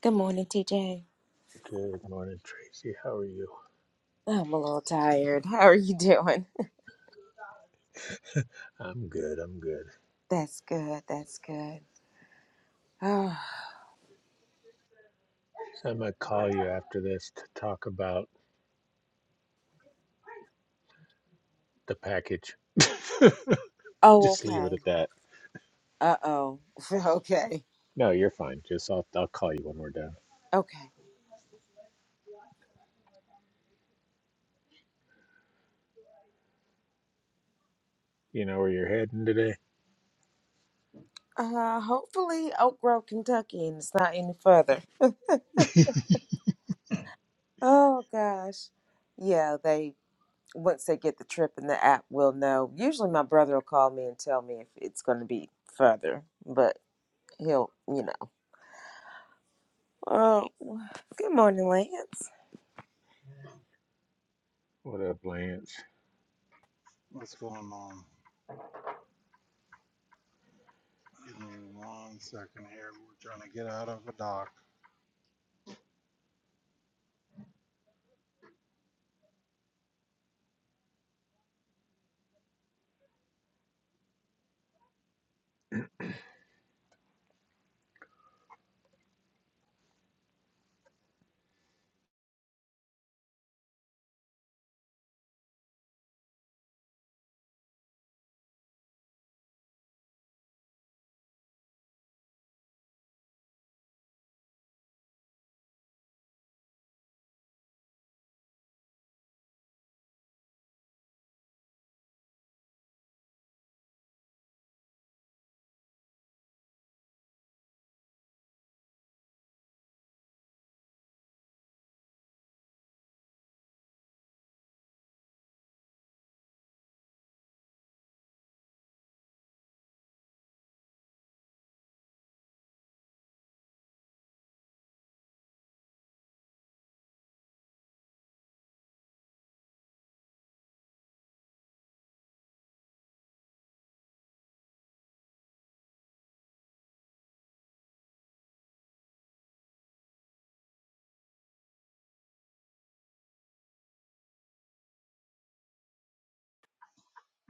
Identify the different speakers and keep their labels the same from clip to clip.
Speaker 1: Good morning, TJ.
Speaker 2: Good morning, Tracy. How are you?
Speaker 1: I'm a little tired. How are you doing?
Speaker 2: I'm good. I'm good.
Speaker 1: That's good. That's good. Oh,
Speaker 2: I might call you after this to talk about the package.
Speaker 1: oh
Speaker 2: Just leave it
Speaker 1: okay.
Speaker 2: at that.
Speaker 1: Uh oh. Okay.
Speaker 2: No, you're fine. Just I'll, I'll call you when we're done.
Speaker 1: Okay.
Speaker 2: You know where you're heading today?
Speaker 1: Uh, hopefully Oak Grove, Kentucky, and it's not any further. oh gosh. Yeah, they once they get the trip in the app, we'll know. Usually, my brother will call me and tell me if it's going to be further, but he'll, you know. Oh, good morning, Lance.
Speaker 2: What up, Lance?
Speaker 3: What's going on? Give me one second here. We're trying to get out of a dock.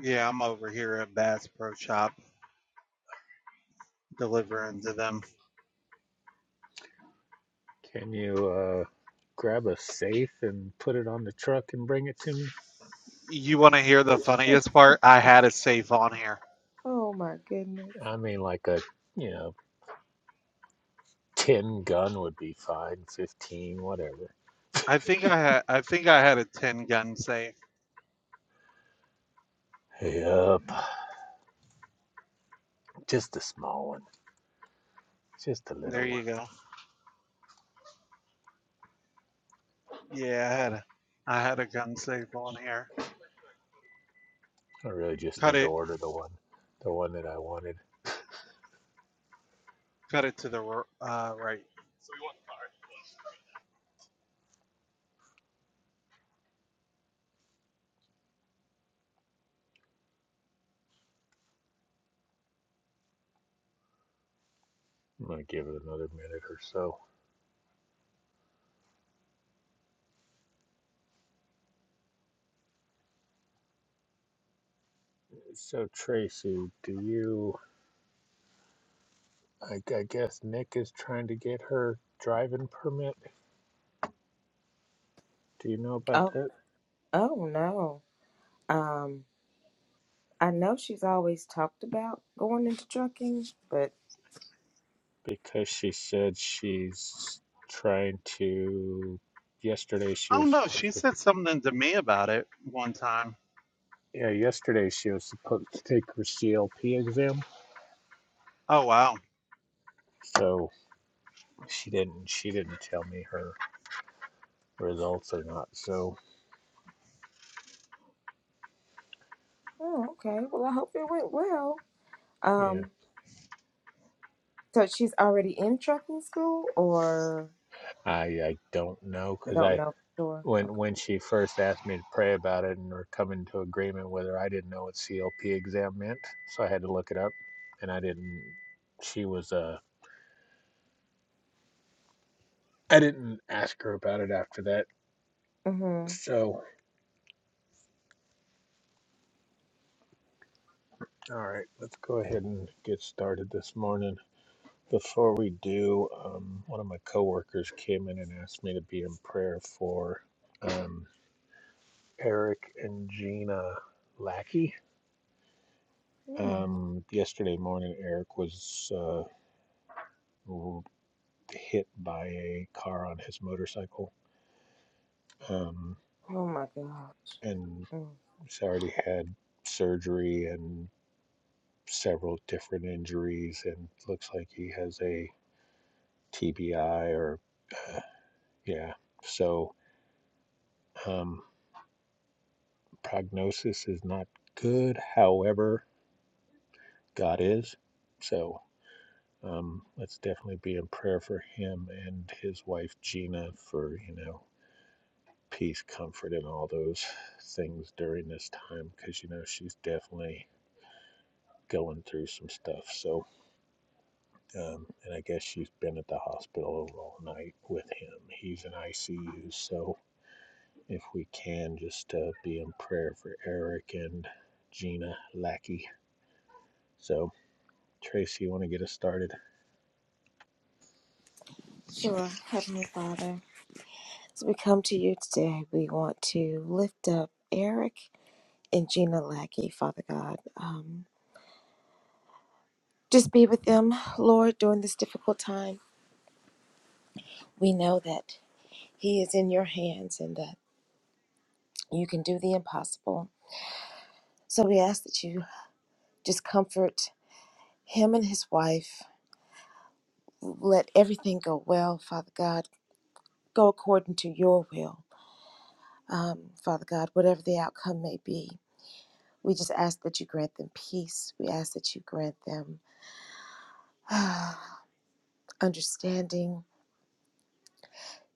Speaker 3: Yeah, I'm over here at Bass Pro Shop delivering to them.
Speaker 2: Can you uh, grab a safe and put it on the truck and bring it to me?
Speaker 3: You want to hear the funniest part? I had a safe on here.
Speaker 1: Oh my goodness.
Speaker 2: I mean, like a, you know, 10 gun would be fine, 15, whatever.
Speaker 3: I think I had. I think I had a ten gun safe.
Speaker 2: Yep. Just a small one. Just a
Speaker 3: There
Speaker 2: little one.
Speaker 3: you go. Yeah, I had. A, I had a gun safe on here.
Speaker 2: I really just
Speaker 3: Cut
Speaker 2: need to
Speaker 3: it.
Speaker 2: order the one, the one that I wanted.
Speaker 3: Cut it to the r- uh, right.
Speaker 2: I'm gonna give it another minute or so. So Tracy, do you? I, I guess Nick is trying to get her driving permit. Do you know about
Speaker 1: Oh,
Speaker 2: that?
Speaker 1: oh no. Um, I know she's always talked about going into trucking, but
Speaker 2: Because she said she's trying to. Yesterday she
Speaker 3: Oh
Speaker 2: was
Speaker 3: no, she
Speaker 2: supposed to.
Speaker 3: said something to me about it one time.
Speaker 2: Yeah, yesterday she was supposed to take her CLP exam.
Speaker 3: Oh wow.
Speaker 2: So she didn't. She didn't tell me her results or not. So
Speaker 1: oh, okay. Well, I hope it went well.
Speaker 2: yeah,
Speaker 1: Um, so she's already in trucking school, or
Speaker 2: I I don't know because I
Speaker 1: don't know for sure.
Speaker 2: when
Speaker 1: Okay.
Speaker 2: when she first asked me to pray about it and or come into agreement with her, I didn't know what CLP exam meant, so I had to look it up, and I didn't. She was uh, I didn't ask her about it after that.
Speaker 1: Mm-hmm.
Speaker 2: So, all right, let's go ahead and get started this morning. Before we do, um, one of my coworkers came in and asked me to be in prayer for um, Eric and Gina Lackey.
Speaker 1: Mm.
Speaker 2: Um, yesterday morning, Eric was. Uh, hit by a car on his motorcycle um,
Speaker 1: Oh my gosh.
Speaker 2: and
Speaker 1: Mm.
Speaker 2: he's already had surgery and several different injuries and looks like he has a TBI or uh, yeah so um, prognosis is not good however God is so um, let's definitely be in prayer for him and his wife Gina for you know peace, comfort, and all those things during this time because, you know, she's definitely going through some stuff. So, um, and I guess she's been at the hospital all night with him. He's in ICU. So, if we can, just uh, be in prayer for Eric and Gina Lackey. So, Tracy, you want to get us started?
Speaker 1: Sure, Heavenly Father, as we come to you today, we want to lift up Eric and Gina Lackey, Father God. Um, just be with them, Lord, during this difficult time. We know that he is in your hands and that You can do the impossible. So we ask that you just comfort him and his wife. Let everything go well, Father God. Go according to your will, um, Father God, whatever the outcome may be. We just ask that you grant them peace. We ask that you grant them understanding.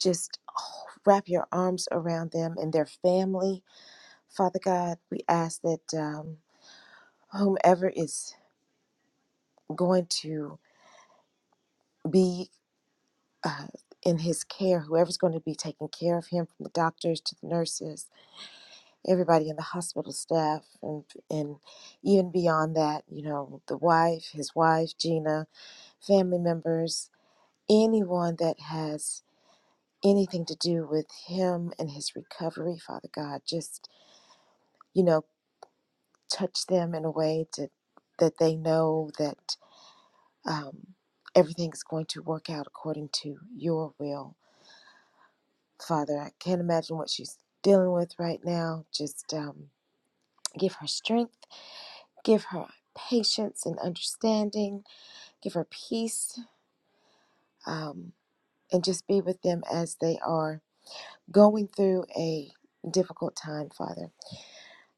Speaker 1: Just oh, wrap your arms around them and their family, Father God. We ask that um, whomever is going to be uh, in his care, whoever's going to be taking care of him, from the doctors to the nurses, everybody in the hospital staff, and and even beyond that, you know, the wife, his wife, Gina, family members, anyone that has anything to do with him and his recovery, Father God, just you know, touch them in a way to that they know that um, everything is going to work out according to your will Father, I can't imagine what she's dealing with right now. Just um, give her strength, give her patience and understanding, give her peace, um, and just be with them as they are going through a difficult time, Father.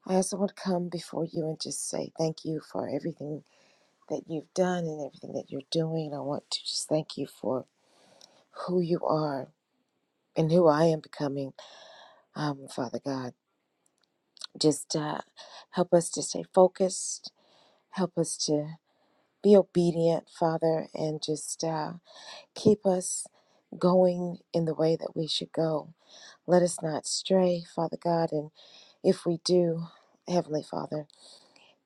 Speaker 1: I also want to come before you and just say thank you for everything that you've done and everything that you're doing. I want to just thank you for who you are and who I am becoming, um, Father God. Just uh, help us to stay focused Help us to be obedient, Father, and just uh, keep us going in the way that we should go. Let us not stray, Father God, and if we do, Heavenly Father,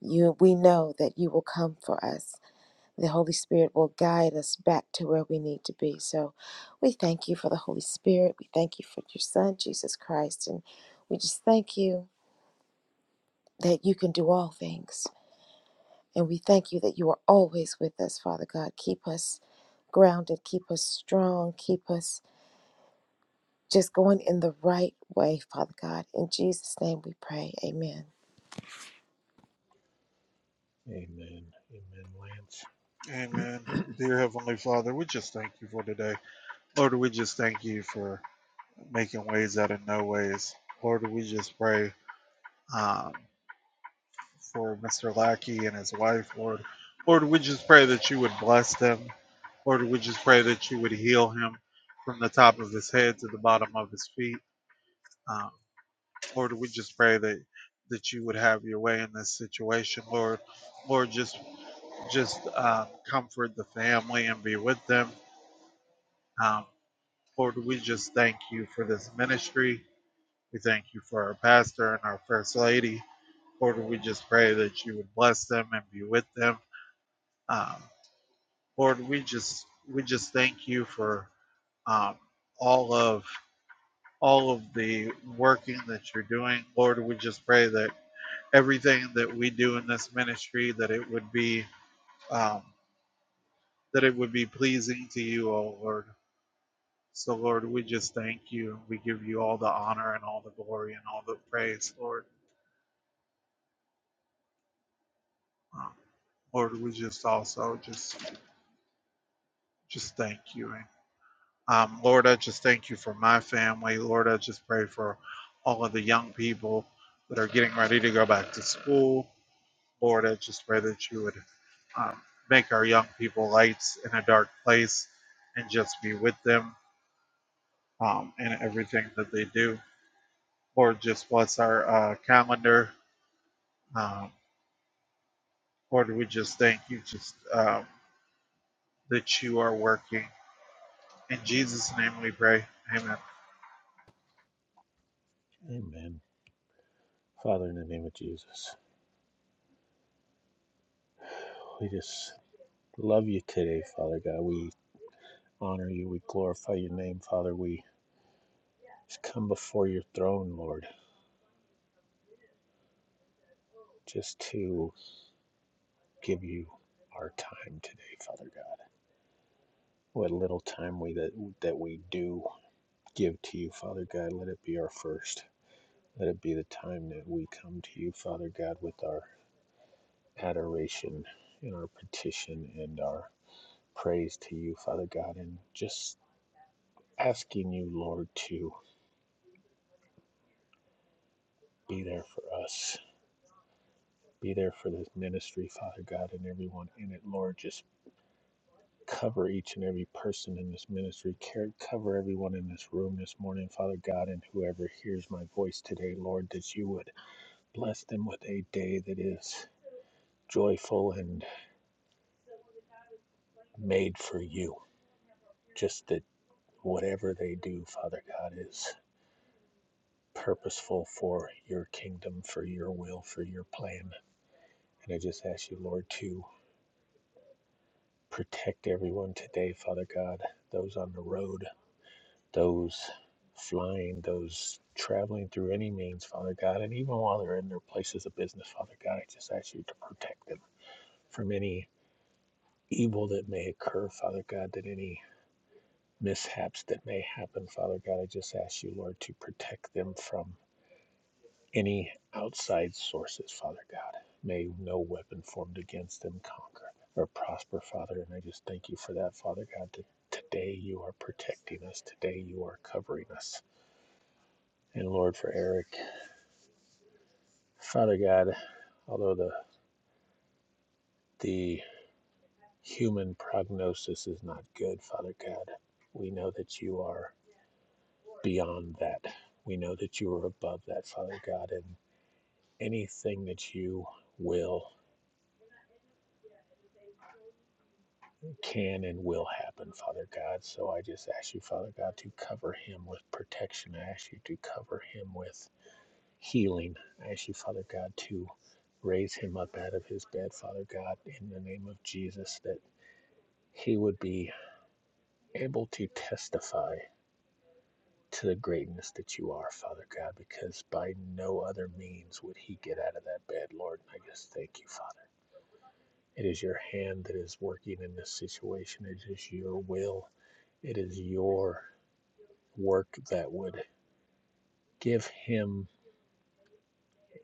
Speaker 1: you we know that you will come for us. The Holy Spirit will guide us back to where we need to be. So we thank you for the Holy Spirit. We thank you for your Son, Jesus Christ. And we just thank you that you can do all things. And we thank you that you are always with us, Father God. Keep us grounded, keep us strong, keep us just going in the right way, Father God. In Jesus' name we pray. Amen.
Speaker 2: Amen. Amen, Lance.
Speaker 3: Amen. Dear Heavenly Father, we just thank you for today. Lord, we just thank you for making ways out of no ways. Lord, we just pray um, for Mr. Lackey and his wife, Lord. Lord, we just pray that you would bless them. Lord, we just pray that you would heal him from the top of his head to the bottom of his feet. Um, Lord, we just pray that that you would have your way in this situation, Lord. Lord, just just um, comfort the family and be with them. Um, Lord, we just thank you for this ministry. We thank you for our pastor and our first lady. Lord, we just pray that you would bless them and be with them. Um, Lord, we just we just thank you for um, all of all of the working that you're doing. Lord, we just pray that everything that we do in this ministry that it would be um, that it would be pleasing to you, O Lord. So, Lord, we just thank you. We give you all the honor and all the glory and all the praise, Lord. Um, Lord, we just also just just thank you. And um, Lord, I just thank you for my family. Lord, I just pray for all of the young people that are getting ready to go back to school. Lord, I just pray that you would um, make our young people lights in a dark place and just be with them um, in everything that they do. Lord, just bless our uh, calendar. Um, Lord, we just thank you just um, that you are working In Jesus' name we pray. Amen.
Speaker 2: Amen. Father, in the name of Jesus, we just love you today, Father God. We honor you. We glorify your name, Father. We just come before your throne, Lord, just to give you our time today, Father God. What little time we that that we do give to you, Father God, let it be our first. Let it be the time that we come to you, Father God, with our adoration and our petition and our praise to you, Father God, and just asking you, Lord, to be there for us be there for this ministry, Father God, and everyone in it, Lord. Just Cover each and every person in this ministry. Care, cover everyone in this room this morning, Father God, and whoever hears my voice today, Lord, that you would bless them with a day that is joyful and made for you. Just that whatever they do, Father God, is purposeful for your kingdom, for your will, for your plan. And I just ask you, Lord, to protect everyone today, Father God, those on the road those flying, those traveling through any means, Father God, and even while they're in their places of business, Father God, I just ask you to protect them from any evil that may occur, Father God, that any mishaps that may happen, Father God, I just ask you, Lord, to protect them from any outside sources, Father God. May no weapon formed against them conquer or prosper, Father, and I just thank you for that, Father God, that today you are protecting us, today you are covering us. And Lord, for Eric, Father God, although the the human prognosis is not good, Father God, we know that you are beyond that. We know that you are above that, Father God, and anything that you will can and will happen, Father God. So I just ask you, Father God, to cover him with protection. I ask you to cover him with healing. I ask you, Father God, to raise him up out of his bed, Father God, in the name of Jesus, that he would be able to testify to the greatness that you are, Father God, because by no other means would he get out of that bed, Lord. And I just thank you, Father. It is your hand that is working in this situation, it is your will, it is your work that would give him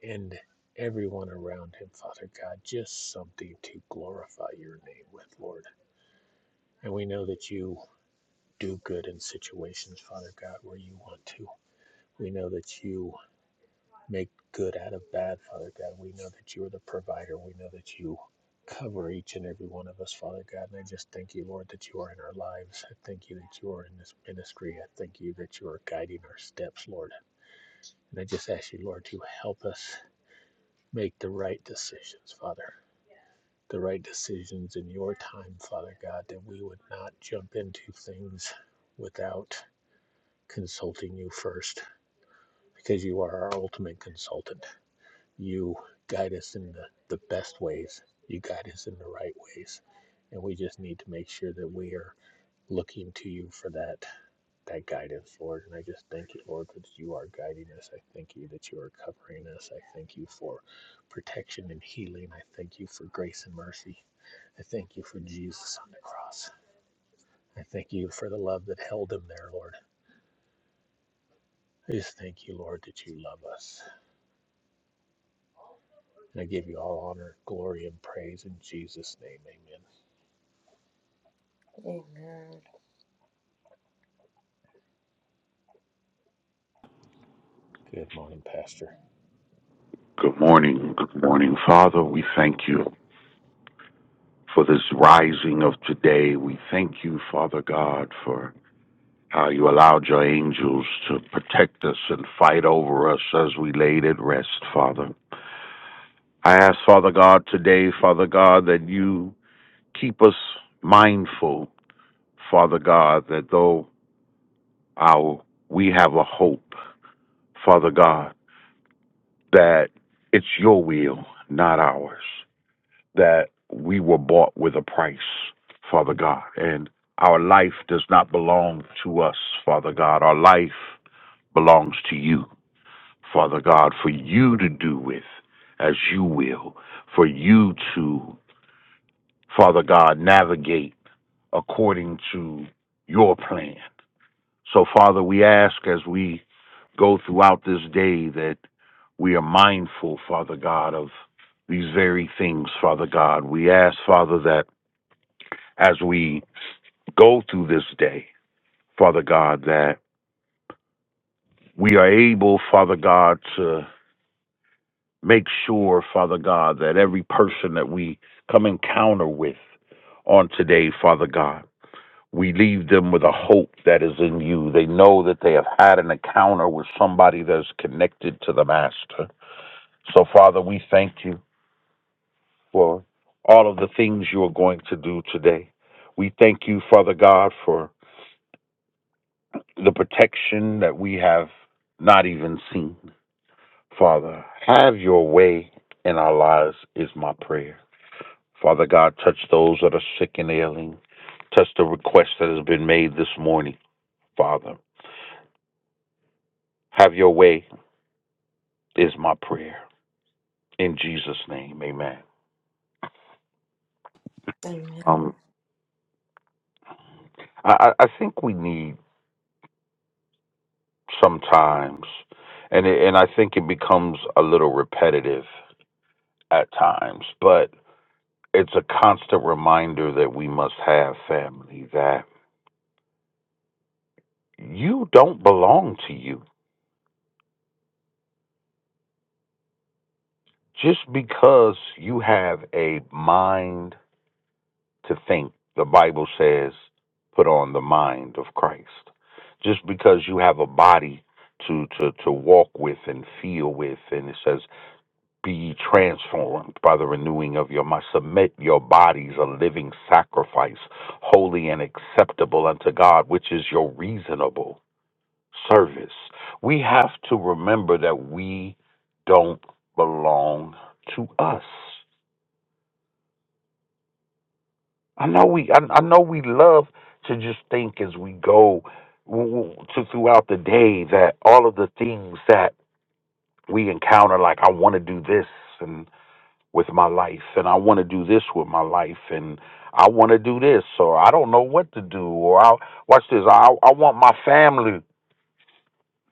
Speaker 2: and everyone around him, Father God, just something to glorify your name with, Lord. And we know that you do good in situations, Father God, where you want to. We know that you make good out of bad, Father God. We know that you are the provider. We know that you cover each and every one of us, Father God. And I just thank you, Lord, that you are in our lives. I thank you that you are in this ministry. I thank you that you are guiding our steps, Lord. And I just ask you, Lord, to help us make the right decisions, Father. The right decisions in your time, Father God, that we would not jump into things without consulting you first, because you are our ultimate consultant. You guide us in the, the best ways. You guide us in the right ways. And we just need to make sure that we are looking to you for that that guidance, Lord. And I just thank you, Lord, that you are guiding us. I thank you that you are covering us. I thank you for protection and healing. I thank you for grace and mercy. I thank you for Jesus on the cross. I thank you for the love that held him there, Lord. I just thank you, Lord, that you love us. And I give you all honor, glory, and praise in Jesus' name. Amen.
Speaker 1: Amen.
Speaker 2: Good morning, Pastor.
Speaker 4: Good morning. Good morning, Father. We thank you for this rising of today. We thank you, Father God, for how you allowed your angels to protect us and fight over us as we laid at rest, Father. I ask, Father God, today, Father God, that you keep us mindful, Father God, that though our we have a hope, Father God, that it's your will, not ours. that we were bought with a price, Father God. And our life does not belong to us, Father God. Our life belongs to you, Father God, for you to do with as you will, for you to, Father God, navigate according to your plan. So, Father, we ask as we go throughout this day that we are mindful, Father God, of these very things, Father God. We ask, Father, that as we go through this day, Father God, that we are able, Father God, to make sure, Father God, that every person that we come encounter with on today, Father God, we leave them with a hope that is in you. They know that they have had an encounter with somebody that's connected to the Master. So, Father, we thank you for all of the things you are going to do today. We thank you, Father God, for the protection that we have not even seen. Father, have your way in our lives is my prayer. Father God, touch those that are sick and ailing. Touch the request that has been made this morning. Father, have your way is my prayer. In Jesus' name, amen.
Speaker 1: Amen.
Speaker 4: Um, I, I think we need sometimes, and, it, and I think it becomes a little repetitive at times, but it's a constant reminder that we must have family, that you don't belong to you just because you have a mind to think. The Bible says, put on the mind of Christ. Just because you have a body to, to, to walk with and feel with, and it says, be ye transformed by the renewing of your mind. Submit your bodies a living sacrifice, holy and acceptable unto God, which is your reasonable service. We have to remember that we don't belong to us. I know we I, I know we love to just think as we go w- w- to throughout the day that all of the things that we encounter like I want to do this and with my life and I want to do this with my life and I want to do this or I don't know what to do or I watch this I I want my family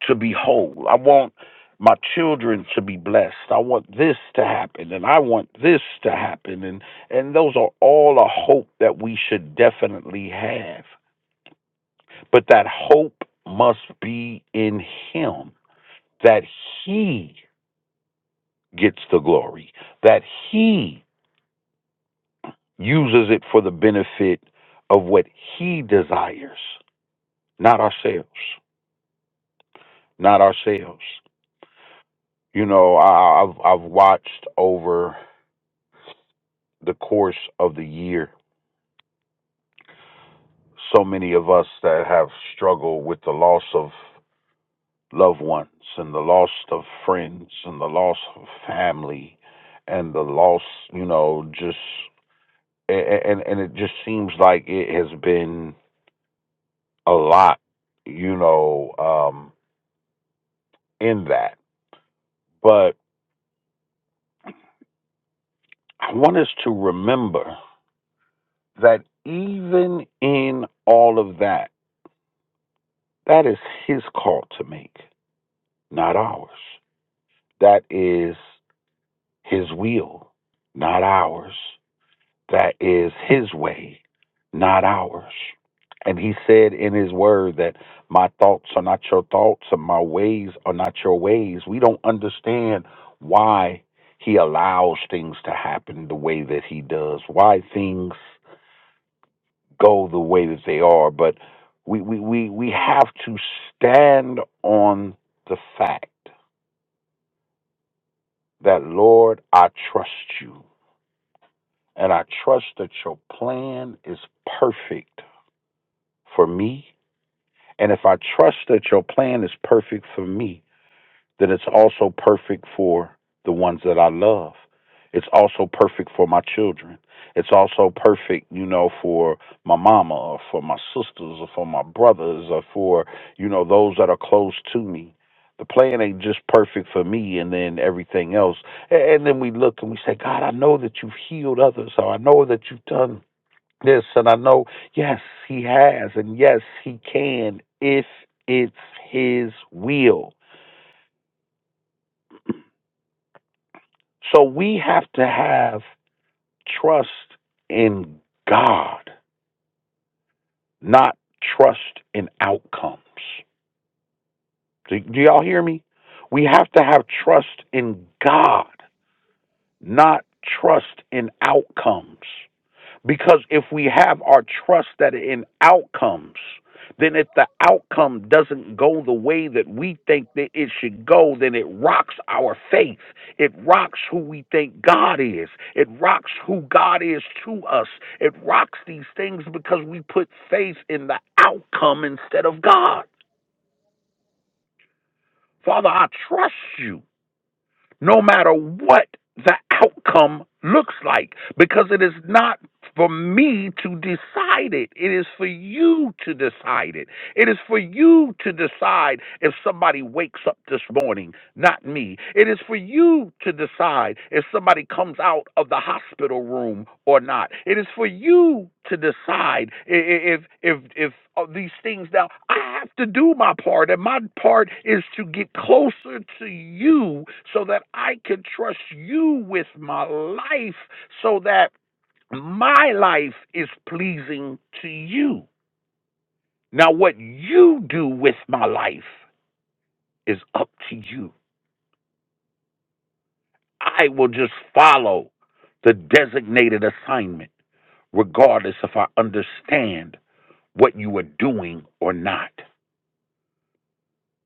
Speaker 4: to be whole. I want my children to be blessed. I want this to happen and I want this to happen and and those are all a hope that we should definitely have. But that hope must be in him that he gets the glory, that he uses it for the benefit of what he desires, not ourselves, not ourselves. You know, I, I've I've watched over the course of the year. So many of us that have struggled with the loss of loved ones and the loss of friends and the loss of family and the loss, you know, just and and it just seems like it has been a lot, you know, um in that. But I want us to remember that even in all of that, that is his call to make, not ours. That is His will, not ours. That is His way, not ours. And He said in His word that my thoughts are not your thoughts and my ways are not your ways. We don't understand why He allows things to happen the way that He does, why things go the way that they are. But we, we, we, we have to stand on the fact that, Lord, I trust you. And I trust that your plan is perfect for me. And if I trust that your plan is perfect for me, then it's also perfect for the ones that I love. It's also perfect for my children. It's also perfect, you know, for my mama or for my sisters or for my brothers or for, you know, those that are close to me. The plan ain't just perfect for me and then everything else. A- And then we look and we say, God, I know that you've healed others. So I know that you've done Yes, and I know, yes, he has, and yes, he can if it's his will. So we have to have trust in God, not trust in outcomes. Do, do y'all hear me? We have to have trust in God, not trust in outcomes. Because if we have our trust that in outcomes, then if the outcome doesn't go the way that we think that it should go, then it rocks our faith. It rocks who we think God is. It rocks who God is to us. It rocks these things because we put faith in the outcome instead of God. Father, I trust you. no matter what the outcome looks like, because it is not for me to decide it. It is for you to decide it. It is for you to decide if somebody wakes up this morning, not me. It is for you to decide if somebody comes out of the hospital room or not. It is for you to decide i- if if if uh, these things. Now, I have to do my part, and my part is to get closer to you so that I can trust you with my life, so that my life is pleasing to you. Now, what you do with my life is up to you. I will just follow the designated assignment, regardless if I understand what you are doing or not,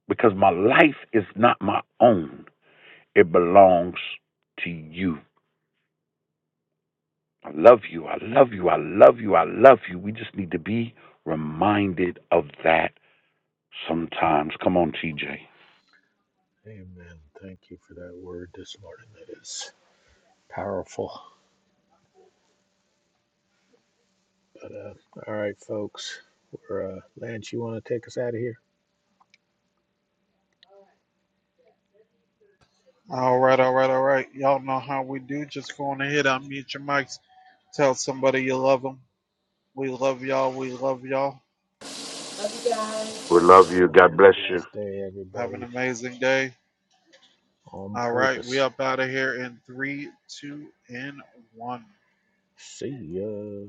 Speaker 4: because my life is not my own. It belongs to you. I love you. I love you. I love you. I love you. We just need to be reminded of that sometimes. Come on, TJ.
Speaker 2: Amen. Thank you for that word this morning. That is powerful. But uh, all right, folks. We're, uh, Lance, you want to take us out of here?
Speaker 3: All right, all right, all right. Y'all know how we do. Just go on ahead, unmute your mics. Tell somebody you love them. We love y'all. We love y'all.
Speaker 4: We
Speaker 2: Love
Speaker 4: love you.
Speaker 2: y'all.
Speaker 4: God
Speaker 2: Have a
Speaker 4: bless you.
Speaker 2: blessed day,
Speaker 3: Have an
Speaker 2: everybody.
Speaker 3: amazing day.
Speaker 2: On
Speaker 3: All right, we
Speaker 2: purpose.
Speaker 3: up out of here in three, two, and one.
Speaker 2: See ya.